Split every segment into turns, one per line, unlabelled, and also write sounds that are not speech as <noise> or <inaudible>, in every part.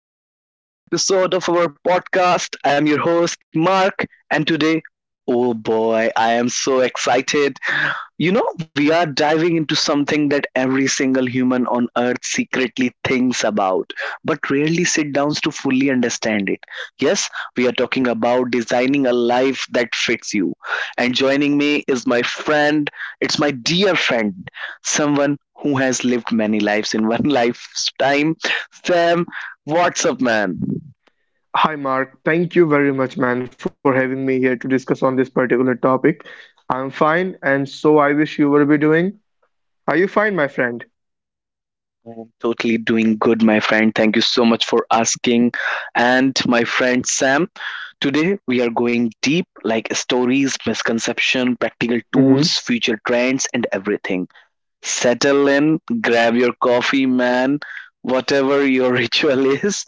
everyone, to another episode of our podcast. I'm your host, Mark, and today, oh boy, I am so excited we are diving into something that every single human on earth secretly thinks about, but rarely sit down to fully understand it. Yes, we are talking about designing a life that fits you. And joining me is my friend, it's my dear friend, someone who has lived many lives in one <laughs> lifetime. Sam, what's up, man?
Hi Mark, thank you very much, man, for having me here to discuss on this particular topic. I'm fine, and so I wish you would be doing. Are you fine, my friend?
I'm totally doing good, my friend. Thank you so much for asking. And my friend Sam, today, we are going deep like stories, misconception, practical tools,
Mm-hmm.
future trends, and everything. Settle in, grab your coffee, man, whatever your <laughs> ritual is.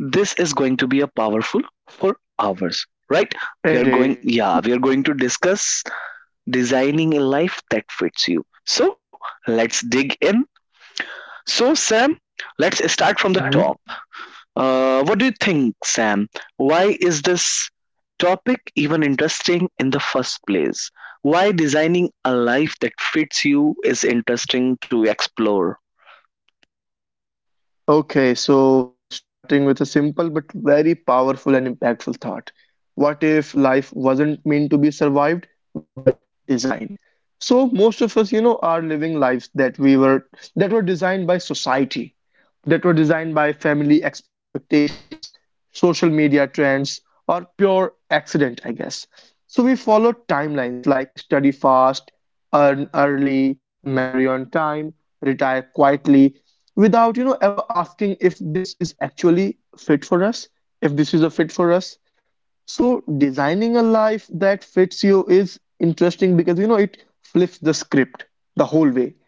This is going to be a powerful for hours, right? We are going,
Indeed.
yeah, we are going to discuss designing a life that fits you. So let's dig in. So, Sam, let's start from the top. What do you think, Sam? Why is this topic even interesting in the first place? Why designing a life that fits you is interesting to explore?
Okay, so starting with a simple but very powerful and impactful thought. What if life wasn't meant to be survived but designed? So most of us, are living lives that were designed by society, that were designed by family expectations, social media trends, or pure accident, I guess. So we follow timelines like study fast, earn early, marry on time, retire quietly, without ever asking if this is actually fit for us if this is a fit for us. So designing a life that fits you is interesting because it flips the script the whole way.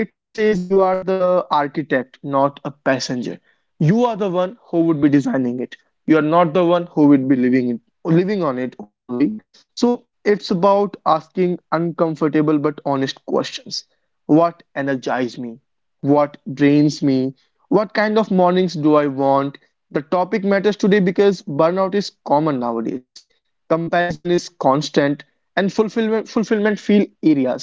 It says you are the architect, not a passenger. You are the one who would be designing it. You are not the one who would be living it, living on it only. So it's about asking uncomfortable but honest questions. What energizes me? What drains me? What kind of mornings do I want? The topic matters today because burnout is common nowadays. Comparison is constant and fulfillment feel areas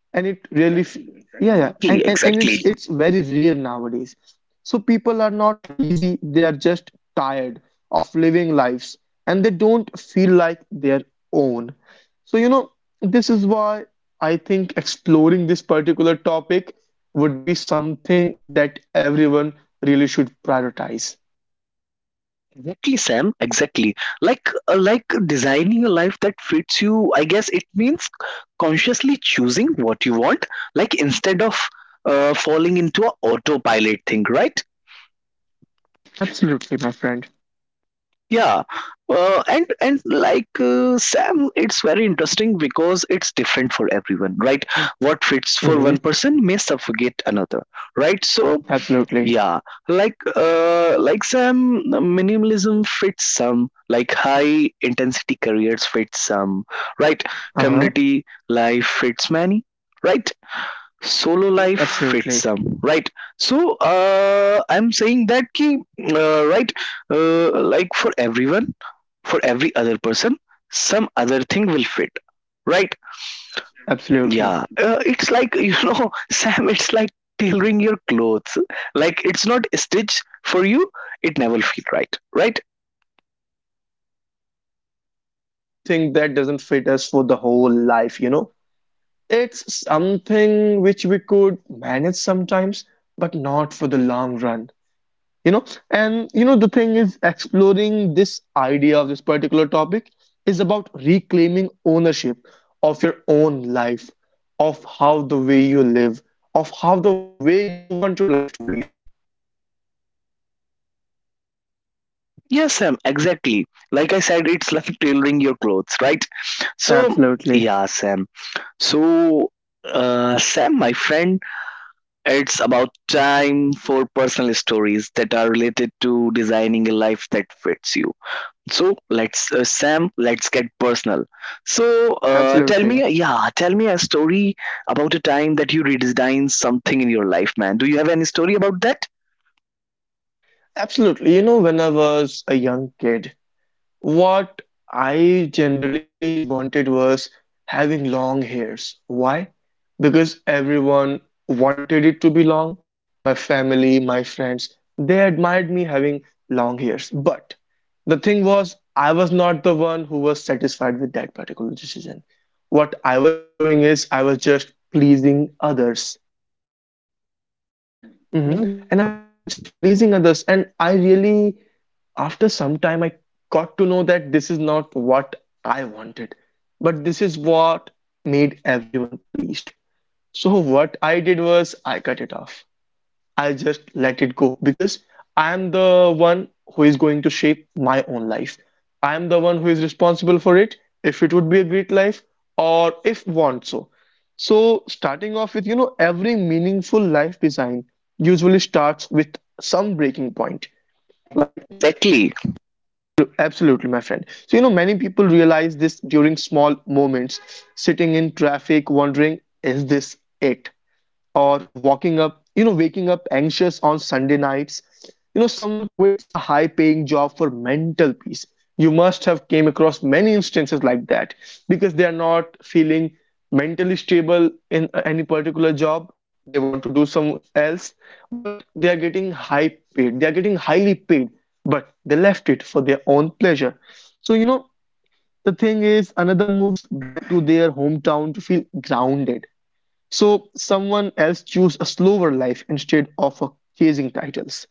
and
Exactly,
yeah,
exactly.
yeah, and it's very rare nowadays. So people are not lazy, they are just tired of living lives and they don't feel like their own. So this is why I think exploring this particular topic would be something that everyone really should prioritize.
Exactly, Sam. Exactly. Like designing a life that fits you, I guess it means consciously choosing what you
Hmm.
want, like instead of falling into a autopilot thing, right?
Absolutely, my friend.
Yeah, and like Sam, it's very interesting because it's different for everyone, right? What fits for one
Hmm.
person may suffocate another, right? So
Absolutely.
yeah, like Sam, minimalism fits some, like high intensity careers fits some, right?
Uh-huh.
Community life fits many, right? Solo life
Absolutely.
fits some, right? So I'm saying that ki, right, like for everyone, for every other person, some other thing will fit, right.
Absolutely.
Yeah, it's like <laughs> you know Sam, it's like tailoring your clothes. Like it's not a stitch for you, it never feel right, right?
Absolutely. We can never wear something that doesn't fit us for the whole life, you know? It's something which we could manage sometimes, but not for the long run, you know? And, you know, the thing is, exploring this idea of this particular topic is about reclaiming ownership of your own life, of how the way you live, of how the way you want your life to be, you know?
Yes Sam, exactly. Like I said, it's <laughs> like tailoring your clothes, right? So
Absolutely.
yeah Sam, so Sam my friend, it's about time for personal stories that are related to designing a life that fits you. So let's, Sam, let's get personal. So tell me,
Absolutely.
yeah, tell me a story about a time that you redesigned something in your life, man. Do you have any story about that?
Absolutely. You know, when I was a young kid, what I generally wanted was having long hairs. Why? Because everyone wanted it to be long. My family, my friends, they admired me having long hairs. But the thing was, I was not the one who was satisfied with that particular decision. What I was doing is, I was just pleasing others.
Yeah, man.
Mhm. And I was just pleasing others, and I really I got to know that this is not what I wanted, but this is what made everyone pleased. So, what I did was I cut it off. I just let it go because I am the one who is going to shape my own life. I am the one who is responsible for it, if it would be a great life or if want so. So, starting off with, you know, every meaningful life design usually starts with some breaking point. Like, exactly.
Exactly.
Absolutely, my friend. So, you know, many people realize this during small moments, sitting in traffic, wondering, is this it? Or walking up, you know, waking up anxious on Sunday nights. You know, someone quits a high paying job for mental peace. You must have came across many instances like that because they are not feeling mentally stable in any particular job. They want to do some else, but they are getting high paid. They are getting highly paid, but they left it for their own pleasure. So, you know, the thing is another moves back to their hometown to feel grounded. So someone else choose a slower life instead of chasing titles.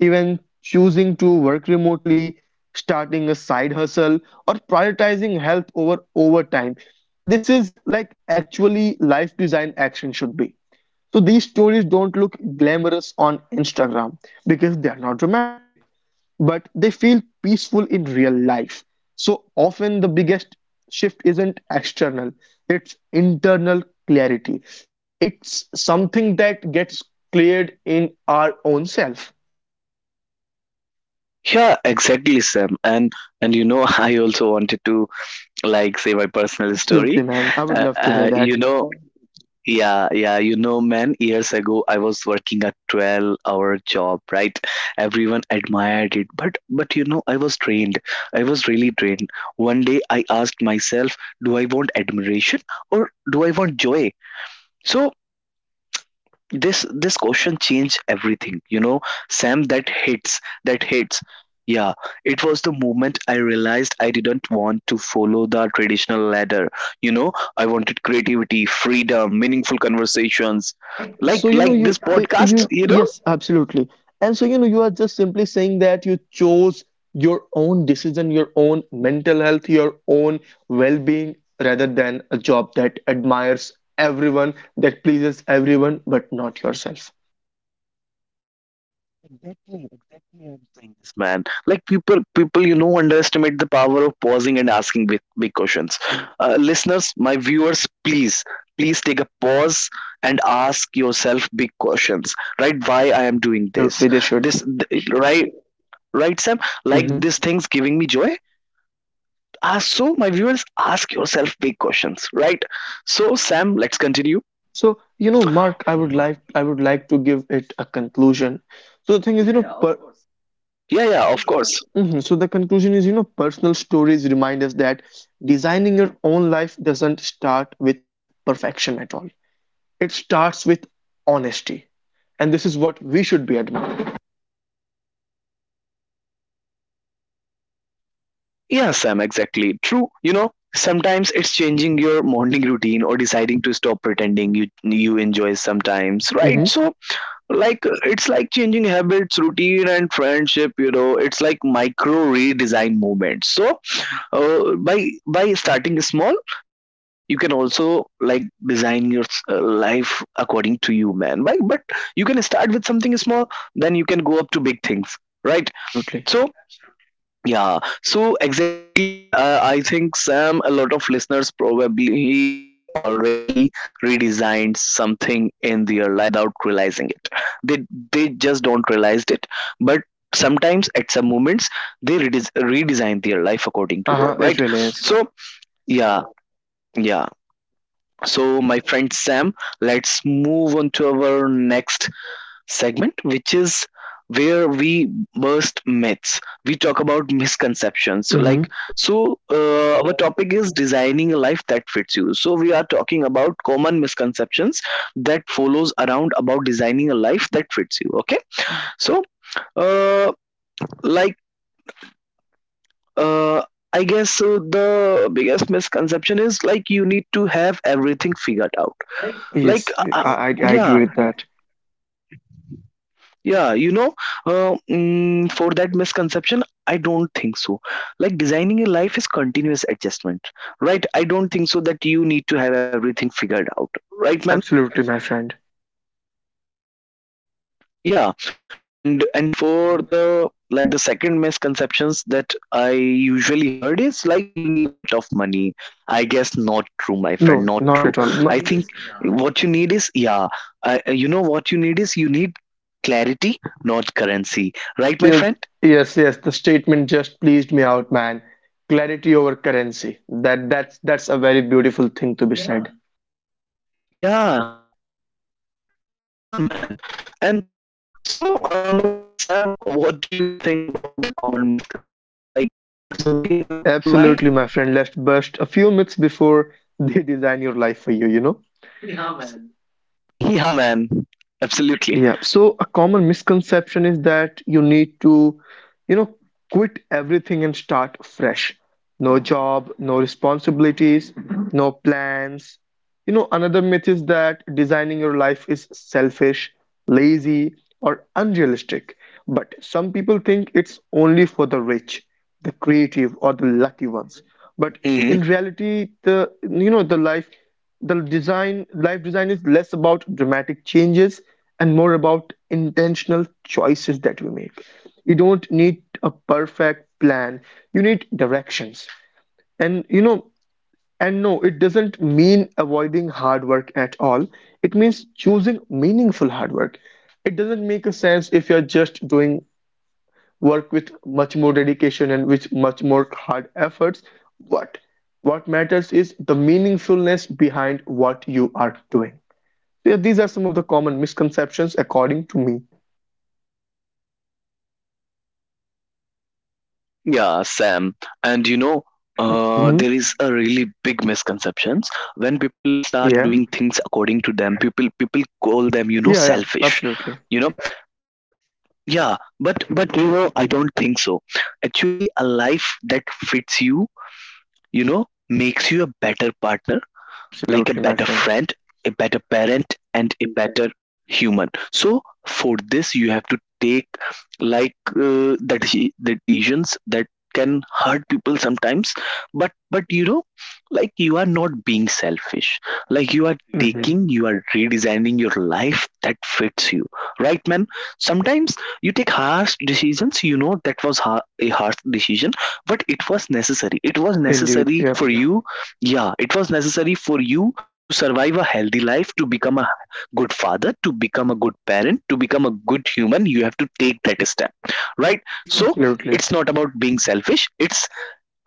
Even choosing to work remotely, starting a side hustle, or prioritizing health over overtime. This is like actually life design action should be. So these stories don't look glamorous on Instagram because they are not dramatic, but they feel peaceful in real life. So often the biggest shift isn't external, it's internal clarity. It's something that gets cleared in our own self.
Yeah, exactly, Sam. And you know, <laughs> I also wanted to like say my personal story.
Absolutely, man. I would love to hear
You
that.
know, yeah, yeah, you know, man, years ago I was working a 12-hour job, right? Everyone admired it, but you know, I was trained. I was really trained. One day I asked myself, do I want admiration or do I want joy? So this question changed everything. You know Sam, that hits, that hits. Yeah, it was the moment I realized I didn't want to follow the traditional ladder. You know, I wanted creativity, freedom, meaningful conversations,
So, you know,
like this podcast, you know.
yes, absolutely. And so, you know, you are just simply saying that you chose your own decision, your own mental health, your own well-being, rather than a job that admires everyone, that pleases everyone, but not yourself. Yes.
Exactly, exactly. I'm saying this, man. Like underestimate the power of pausing and asking big, big questions. Listeners, my viewers, please, please take a pause and ask yourself big questions. Right? Why I am doing this?
Absolutely, they should.
This, right? Right, Sam?
Hmm.
Like this thing's giving me joy. Ah, so my viewers, ask yourself big questions, right? So, Sam, let's continue.
So, you know, Mark, I would like to give it a conclusion. So the thing is, you know, per—
Yeah, yeah, of course.
Mhm. So the conclusion is, you know, personal stories remind us that designing your own life doesn't start with perfection at all. It starts with honesty, and this is what we should be admiring.
Yeah, Sam, exactly. True. You know, sometimes it's changing your morning routine or deciding to stop pretending you enjoy sometimes, right?
Hmm.
So, like, it's like changing habits, routine, and friendship. You know, it's like micro redesign moments. So, by starting small, you can also like design your life according to you, man. By but you can start with something small, then you can go up to big things, right?
Absolutely.
So yeah, so exactly, I think Sam, a lot of listeners probably already redesigned something in their life without realizing it. They they just don't realize it, but sometimes at some moments they redesign their life according to them,
Uh-huh, so
right?
it really is.
So yeah, yeah. So my friend Sam, let's move on to our next segment, which is where we burst myths. We talk about misconceptions.
So, hmm.
Like, so our topic is designing a life that fits you. So we are talking about common misconceptions that follows around about designing a life that fits you. Okay. So, uh, like, uh, I guess the biggest misconception is like you need to have everything figured out.
So
Like,
yes,
uh,
I
yeah.
agree with that.
Yeah, you know, for that misconception, I don't think so. Like designing a life is continuous adjustment, right? I don't think so that you need to have everything figured out, right,
Absolutely,
man?
my friend.
Yeah, and for the like the second misconceptions that I usually heard is like you need a lot of money. I guess not true, my friend,
No,
not
not
true.
at all.
I
Do—
think what you need is yeah, you know what you need is you need clarity, not currency, right,
yes,
my friend?
yes, yes. The statement just pleased me out, man. Clarity over currency. That's a very beautiful thing to be said.
Yeah, yeah, man. And so, my friend Sam, what do you think about the common misconceptions? Like, do you have something in your mind?
Absolutely, my friend. Let's bust a few myths before they design your life for you, you know?
<laughs> Yeah, man. Absolutely.
Yeah, so a common misconception is that you need to, you know, quit everything and start fresh. No job, no responsibilities, no plans. You know, another myth is that designing your life is selfish, lazy, or unrealistic. But some people think it's only for the rich, the creative, or the lucky ones. But
Hmm.
in reality, the life the design life design is less about dramatic changes and more about intentional choices that we make. You don't need a perfect plan, you need directions. And you know, and no, it doesn't mean avoiding hard work at all, it means choosing meaningful hard work. It doesn't make a sense if you're just doing work with much more dedication and with much more hard efforts, but what matters is the meaningfulness behind what you are doing. So, yeah, these are some of the common misconceptions according to me.
Yeah, Sam. And you know,
Hmm.
there is a really big misconceptions when people start
Yeah.
doing things according to them. People call them, you know,
Yeah.
selfish.
Absolutely.
You know, yeah. But you know, I don't think so. Actually, a life that fits you, you know, makes you a better partner,
Absolutely.
like
Absolutely,
a
my
better
friend.
friend, a better parent, and a better human. So for this, you have to take the decisions that can hurt people sometimes, but you know, like you are not being selfish, like
Hmm.
you are redesigning your life that
Uh-huh.
fits you, right man? Sometimes you take harsh decisions, you know, a harsh decision, but it was necessary, it was
Indeed,
necessary
yep.
for you. Yeah, it was necessary for you to survive a healthy life, to become a good father, to become a good parent, to become a good human. You have to take that step, right? So
Absolutely.
it's not about being selfish, it's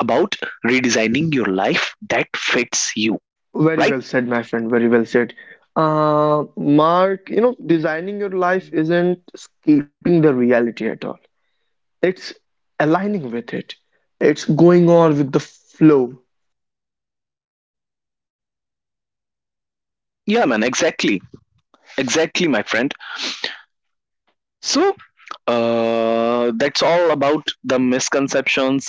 about redesigning your life that fits you, right?
Very well said, my friend. Very well said. Mark, you know, designing your life isn't escaping the reality at all. It's aligning with it, it's going on with the flow.
Yeah, man, exactly. Exactly, my friend. So, that's all about the misconceptions,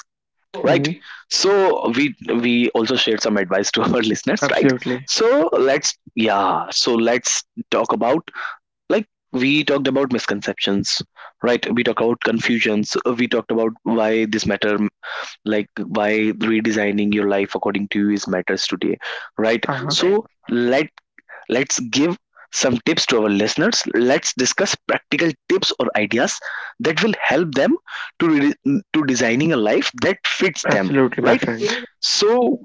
right?
Hmm.
So we also shared some advice to our <laughs> listeners, right?
Absolutely.
So let's, yeah, so let's talk about, like, we talked about misconceptions, right? We talked about confusions, we talked about why this matter, like why redesigning your life according to you is matters today, right?
Uh-huh.
So let's give some tips to our listeners. Let's discuss practical tips or ideas that will help them to designing a life that fits them,
Absolutely, my
right?
friend.
So,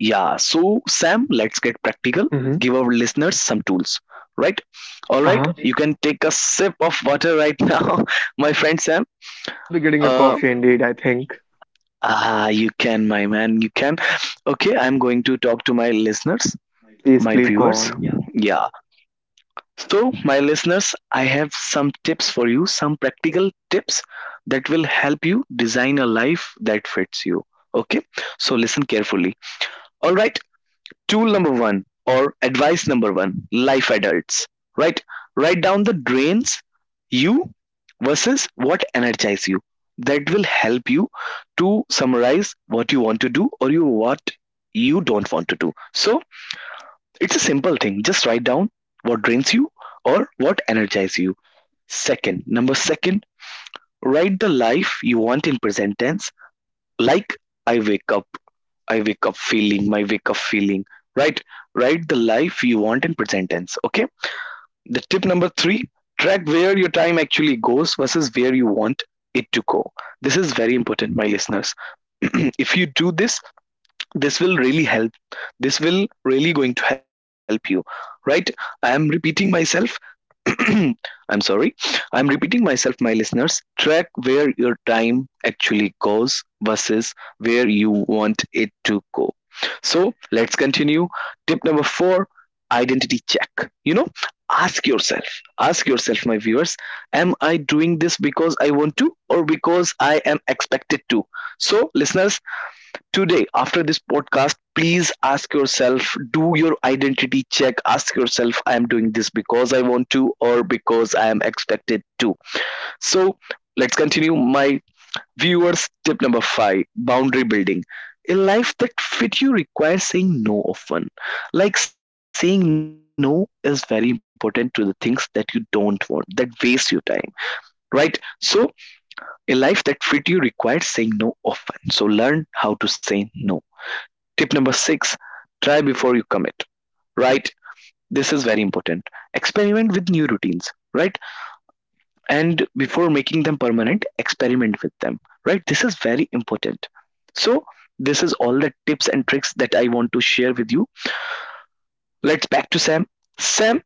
yeah, so Sam, let's get practical.
Hmm.
Give our listeners some tools, right? All right,
Uh-huh.
you can take a sip of water right <laughs> now, my friend Sam.
I'll be getting a
Uh,
coffee indeed, I think.
you can, my man, you can. Okay, I'm going to talk to my listeners,
Please,
my
please go
viewers.
on.
Yeah, so, my listeners, I have some tips for you, some practical tips that will help you design a life that fits you. Okay, so listen carefully. All right, tool number one or advice number one, life adults. Right, write down the drains you versus what energize you. That will help you to summarize what you want to do or you what you don't want to do. So, it's a simple thing. Just write down what drains you or what energizes you. Second, number second, write the life you want in present tense. Like I wake up, I wake up feeling, my wake up feeling. Right? Write the life you want in present tense. Okay. The tip number three, track where your time actually goes versus where you want it to go. This is very important, my listeners. <clears throat> If you do this, this will really help. This will really going to help you. Right? I am repeating myself, <clears throat> I'm sorry. I'm repeating myself, my listeners. Track where your time actually goes versus where you want it to go. So let's continue. Tip number four, identity check. You know, ask yourself, ask yourself, my viewers, am I doing this because I want to or because I am expected to? So, listeners, today, after this podcast, please ask yourself, do your identity check. Ask yourself, I am doing this because I want to or because I am expected to. So, let's continue. My viewers, tip number five, boundary building. A life that fit you requires saying no often. Like saying no is very important to the things that you don't want, that waste your time, right? So, a life that fit you requires saying no often. So, learn how to say no. Tip number six, try before you commit, right? This is very important. Experiment with new routines, right? And before making them permanent, experiment with them, right? This is very important. So, this is all the tips and tricks that I want to share with you. Let's back to Sam. Sam,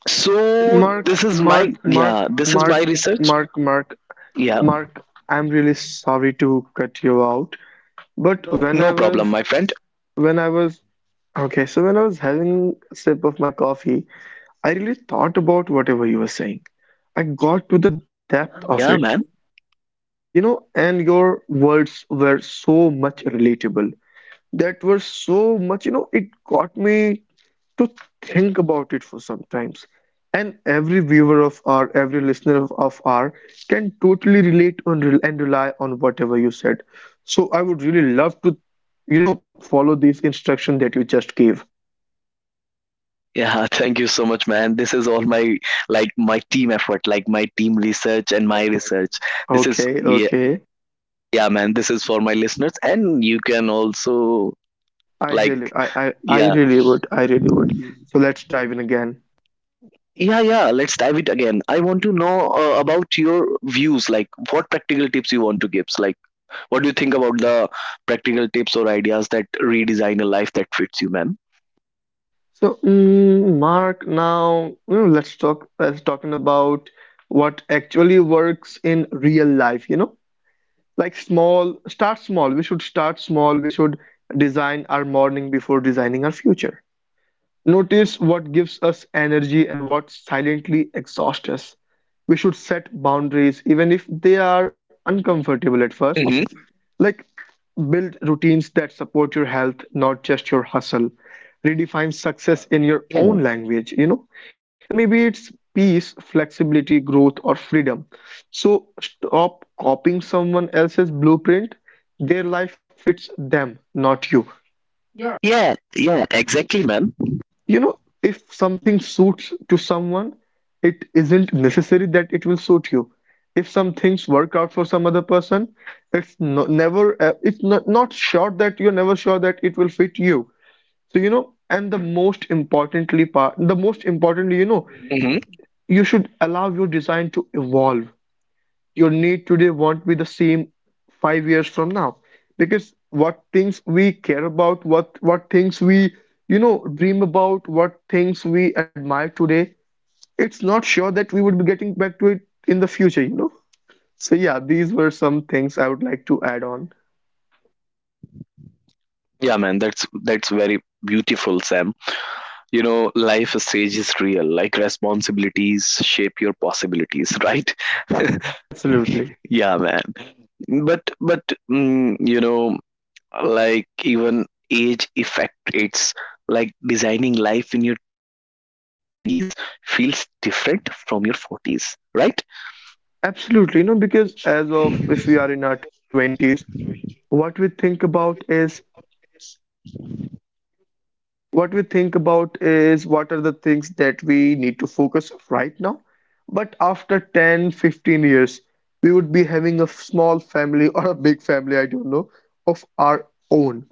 so this is
Mark, mark mark
this is my
mark
research.
mark mark Yeah.
Yeah,
Mark, I'm really sorry to cut you out, but
no problem, my
was
friend.
when I was— okay, so when I was having a sip of my coffee, I really thought about whatever you were saying. I got to the
Yeah,
depth of
man.
it, you know. And your words were so much relatable, that were so much, you know, it got me to think about it for sometimes. And every viewer of our, every listener of our can totally relate on and rely on whatever you said. So I would really love to, you know, follow these instruction that you just gave.
Yeah, <laughs> thank you so much, man. This is all my my team effort, like my team research and my research. This
Okay,
is yeah,
okay.
yeah, man. This is for my listeners, and you can also
i really
like
i i, I
yeah,
really would, so let's dive in again.
yeah, yeah. Let's dive it again. I want to know about your views, like what practical tips you want to give. Like, what do you think about the practical tips or ideas that redesign a life that fits you, man?
So, Mark, now you know, let's talk. Let's talking about what actually works in real life. You know, like small. Start small. We should start small. We should design our morning before designing our future. Notice what gives us energy and what silently exhausts us. We should set boundaries, even if they are
Hmm.
uncomfortable at first. Like build routines that support your health, not just your hustle. Redefine success in
Yeah,
your own language, you know, and maybe it's peace, flexibility, growth, or freedom. So stop copying someone else's blueprint. Their life fits them, not you.
yeah, yeah. Exactly, man.
Yeah, you know, if something suits to someone, it isn't necessary that it will suit you. If some things work out for some other person, it's no, never, it's not sure that you're never sure that it will fit you. So, and the most importantly,
Hmm.
you should allow your design to evolve. Your need today won't be the same 5 years from now, because what things we care about, what things we, you know dream about, what things we admire today, it's not sure that we would be getting back to it in the future. So yeah, these were some things I would like to add on.
Yeah, man. That's very beautiful, Sam. You know, life stage is real, like responsibilities shape your possibilities, right? <laughs>
Ab- absolutely
Yeah, man. But you know, like even age effect it's like designing life in your 20s feels different from your 40s, right?
absolutely. Because, as of, if we are in our 20s, what we think about is what we think about is what are the things that we need to focus right now. But after 10, 15 years, we would be having a small family or a big family, I don't know, of our own.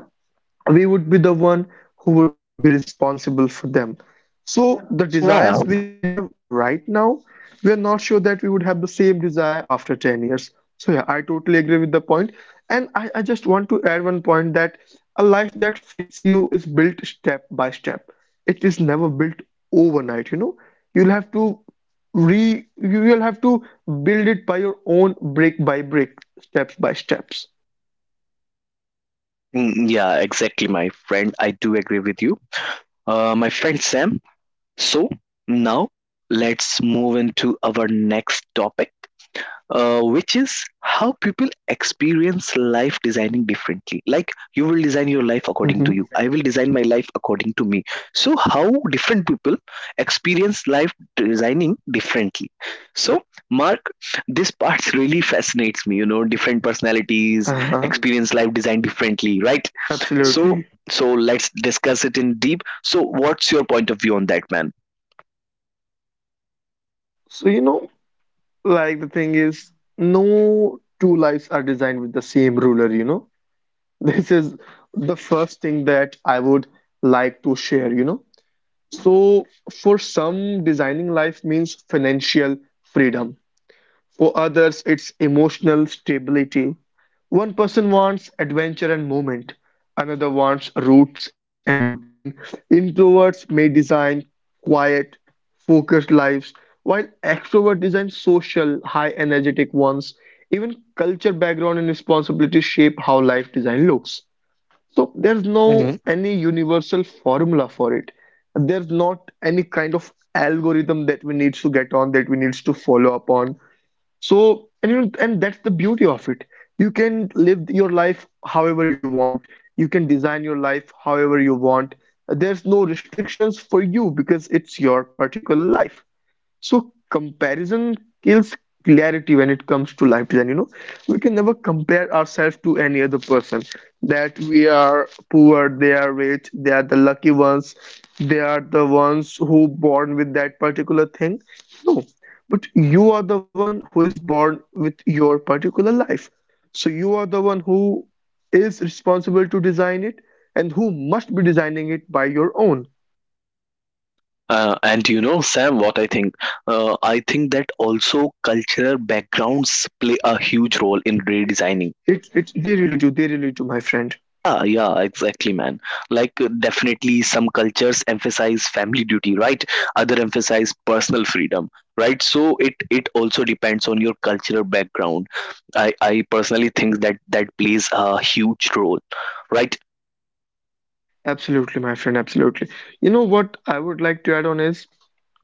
We would be the one who would be responsible for them. So the
Yeah.
desires which we have right now, we are not sure that we would have the same desire after 10 years. So yeah, I totally agree with the point. And I just want to add one point that a life that fits you is built step by step. It is never built overnight. you'll have to you'll have to build it by your own, brick by brick, steps by steps.
Mm, yeah, exactly, my friend, I do agree with you. Uh, my friend Sam. So now let's move into our next topic, which is how people experience life designing differently. Like, you will design your life according to
Mhm.
you, I will design my life according to me. So how different people experience life designing differently. So, Mark, this part <laughs> really fascinates me. You know, different personalities
Uh-huh.
experience life design differently, right? so
Absolutely.
so let's discuss it in deep. So what's your point of view on that, man?
So, you know, like the thing is, no two lives are designed with the same ruler. <laughs> This is the first thing that I would like to share. So, for some, designing life means financial freedom. For others, it's emotional stability. One person wants adventure and movement, another wants roots and routine. Introverts may design quiet, focused lives, while extroverts design social, high energetic ones. Even culture, background, and responsibilities shape how life design looks. So there's no any universal formula for it. There's not any kind of algorithm that we need to get on, that we need to follow upon. So, and you know, and that's the beauty of it. You can live your life however you want. You can design your life however you want. There's no restrictions for you, because it's your particular life. So comparison kills clarity when it comes to life design. You know, we can never compare ourselves to any other person. That we are poor, they are rich, they are the lucky ones, they are the ones who born with that particular thing. No, but you are the one who is born with your particular life. So you are the one who is responsible to design it and who must be designing it by your own.
And you know, Sam, what I think? I think that also cultural backgrounds play a huge role in redesigning.
It's They really do, they really do, my friend.
Ah, yeah, exactly, man. Like, definitely, some cultures emphasize family duty, right? Other emphasize personal
Mhm.
freedom, right? So it also depends on your cultural background. I personally think that that plays a huge role, right?
Absolutely, my friend, absolutely. You know what I would like to add on is,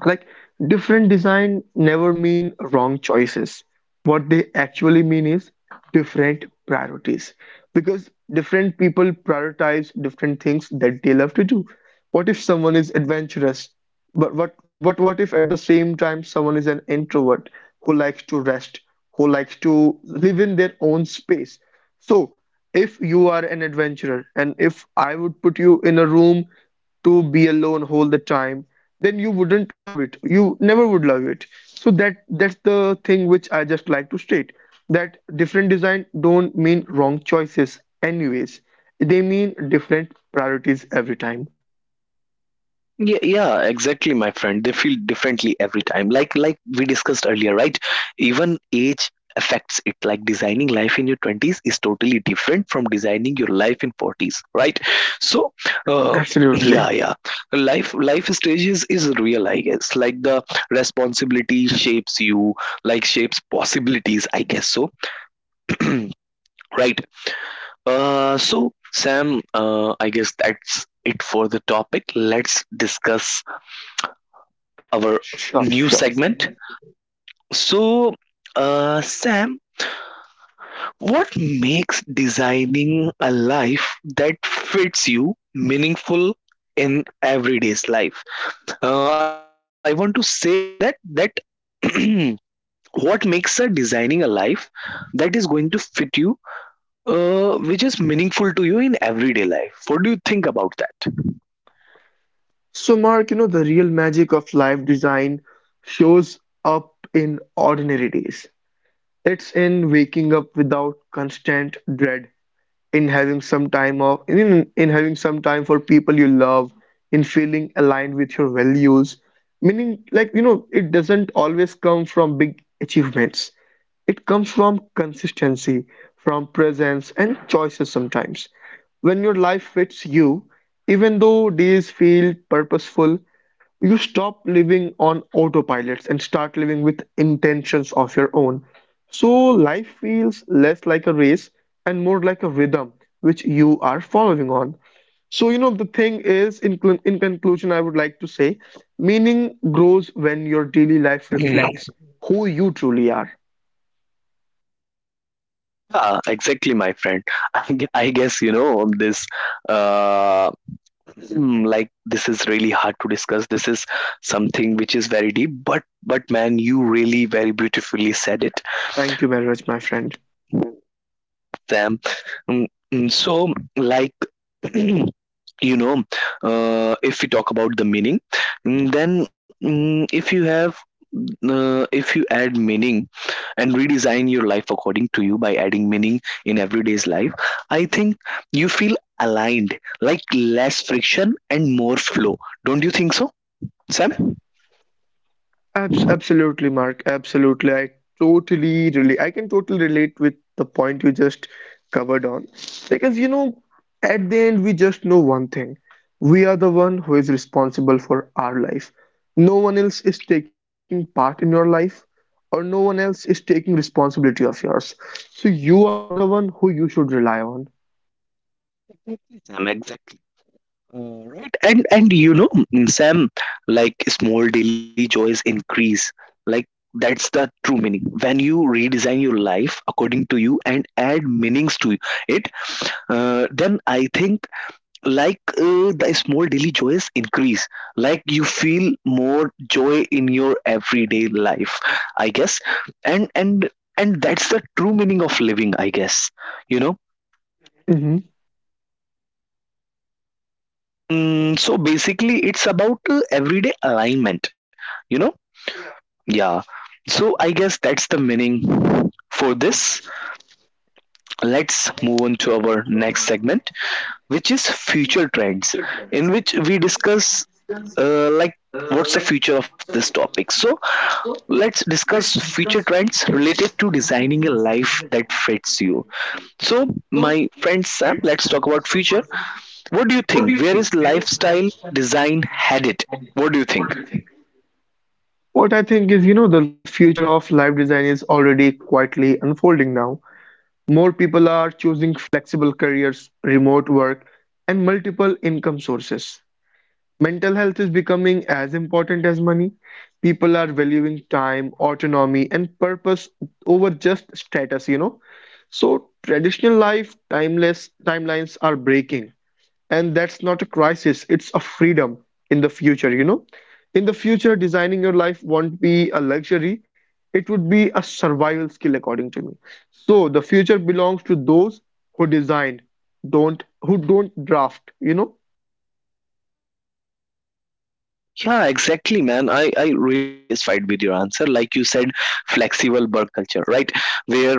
like, different design never mean wrong choices. What they actually mean is different priorities, because different people prioritize different things that they love to do. What if someone is adventurous, but what if at the same time someone is an introvert who likes to rest, who likes to live in their own space? So if you are an adventurer and if I would put you in a room to be alone all the time, then you wouldn't love it, you never would love it. So that's the thing which I just like to state, that different design don't mean wrong choices anyways. They mean different priorities every time.
Yeah, yeah, exactly, my friend. They feel differently every time. Like we discussed earlier, right? Even age affects it. Like designing life in your 20s is totally different from designing your life in 40s, right? So, uh,
Absolutely.
yeah, yeah. Life stages is real, I guess. Like the responsibility shapes you, like shapes possibilities, I guess so. <clears throat> Right. So Sam, I guess that's it for the topic. Let's discuss our
Sure,
new
sure.
segment. So, Sam, what makes designing a life that fits you meaningful in everyday's life? I want to say that <clears throat> what makes a designing a life that is going to fit you, which is meaningful to you in everyday life. What do you think about that?
So, Mark, you know, the real magic of life design shows up in ordinary days. It's in waking up without constant dread, in having some time of, in having some time for people you love, in feeling aligned with your values. Meaning, like, you know, it doesn't always come from big achievements. It comes from consistency, from presence and choices. Sometimes, when your life fits you, even though days feel purposeful, you stop living on autopilots and start living with intentions of your own. So life feels less like a race and more like a rhythm which you are following on. So, you know, the thing is, in conclusion, I would like to say, meaning grows when your daily life
Mm.
reflects who you truly are.
Yeah, exactly, my friend. <laughs> I guess you know this. Uh, hmm, like this is really hard to discuss. This is something which is very deep. But man, you really very beautifully said it,
Thank you very much, my friend.
Sam. Mm, So like. <clears throat> You know, if we talk about the meaning, then if you have if you add meaning and redesign your life according to you by adding meaning in everyday's life, I think you feel aligned, like less friction and more flow. Don't you think so, Sam?
Absolutely, Mark. Absolutely. I totally relate. I can totally relate with the point you just covered on. Because, you know, at the end, we just know one thing. We are the one who is responsible for our life. No one else is taking part in your life, or no one else is taking responsibility of yours. So you are the one who you should rely on.
Sam, and you know, Sam, like small daily joys increase, like that's the true meaning when you redesign your life according to you and add meanings to it. Then I think, the small daily joys increase, like you feel more joy in your everyday life, I guess. And and and that's the true meaning of living, I guess, you know.
Hmm.
So basically it's about everyday alignment, you know.
Yeah,
Yeah. So
absolutely.
I guess that's the meaning for this. Let's move on to our next segment, which is future trends, in which we discuss like what's the future of this topic. So let's discuss future trends related to designing a life that fits you. So my friend Sam, let's talk about future. What do you think? Where is lifestyle design headed? What do you think?
What I think is, you know, the future of life design is already quietly unfolding now. More people are choosing flexible careers, remote work, and multiple income sources. Mental health is becoming as important as money. People are valuing time, autonomy, and purpose over just status, you know. So traditional life timeless timelines are breaking, and that's not a crisis, it's a freedom. In the future, you know, in the future, designing your life won't be a luxury, it would be a survival skill, according to me. So the future belongs to those who design, don't who don't draft, you know.
Yeah, exactly, man. I really satisfied with your answer. Like you said, flexible work culture, right? Where people design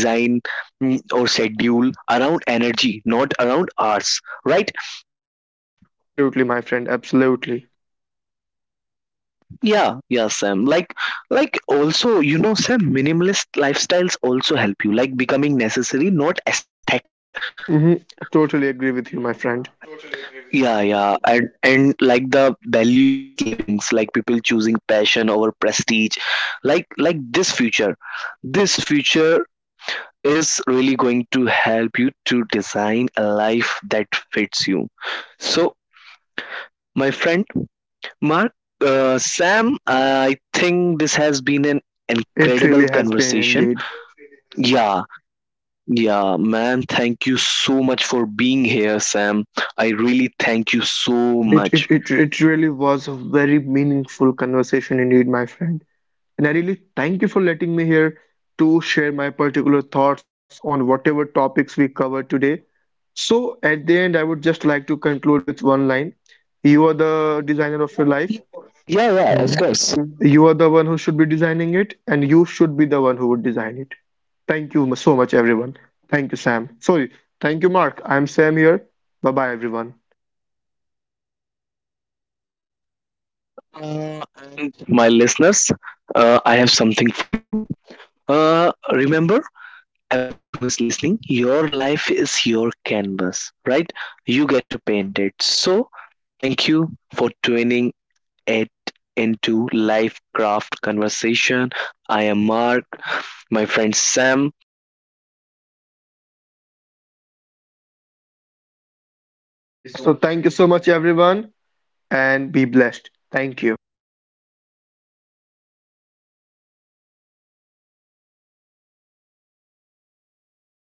or schedule around energy, not around hours, right?
Absolutely, my friend, absolutely.
Yeah, yeah, Sam. Like also, you know, Sam, minimalist lifestyles also help you, like becoming necessary, not aesthetic,
Hmm.
right?
I totally agree with you, my friend.
Yeah, yeah, and like the value-based livings, like people choosing passion over prestige, like this future is really going to help you to design a life that fits you. So, my friend Mark, Sam, I think this has been an
It
incredible
really has been,
conversation.
indeed.
Has. Yeah, yeah, man. Thank you so much for being here, Sam. I really thank you so
it, it
much.
it it really was a very meaningful conversation indeed, my friend. And I really thank you for letting me here to share my particular thoughts on whatever topics we covered today. So at the end, I would just like to conclude with one line. You are the designer of your life.
Yeah,
Mhm.
yeah, of course.
You are the one who should be designing it, and you should be the one who would design it. Thank you so much, everyone. Thank you, Sam. Sorry. Thank you, Mark. I'm Sam here. Bye bye, everyone.
My listeners, I have something for you. Remember, everybody who is listening, your life is your canvas, right? You get to paint it. So, thank you for tuning it into Life Craft Conversation. I am Mark, my friend Sam. We are taking leave from you
So, thank
now.
you so much,
So, thank you
everyone,
so much, my
and
listeners.
be blessed. Thank you.
Thank you so much, my listeners. I will catch you next time. Bye.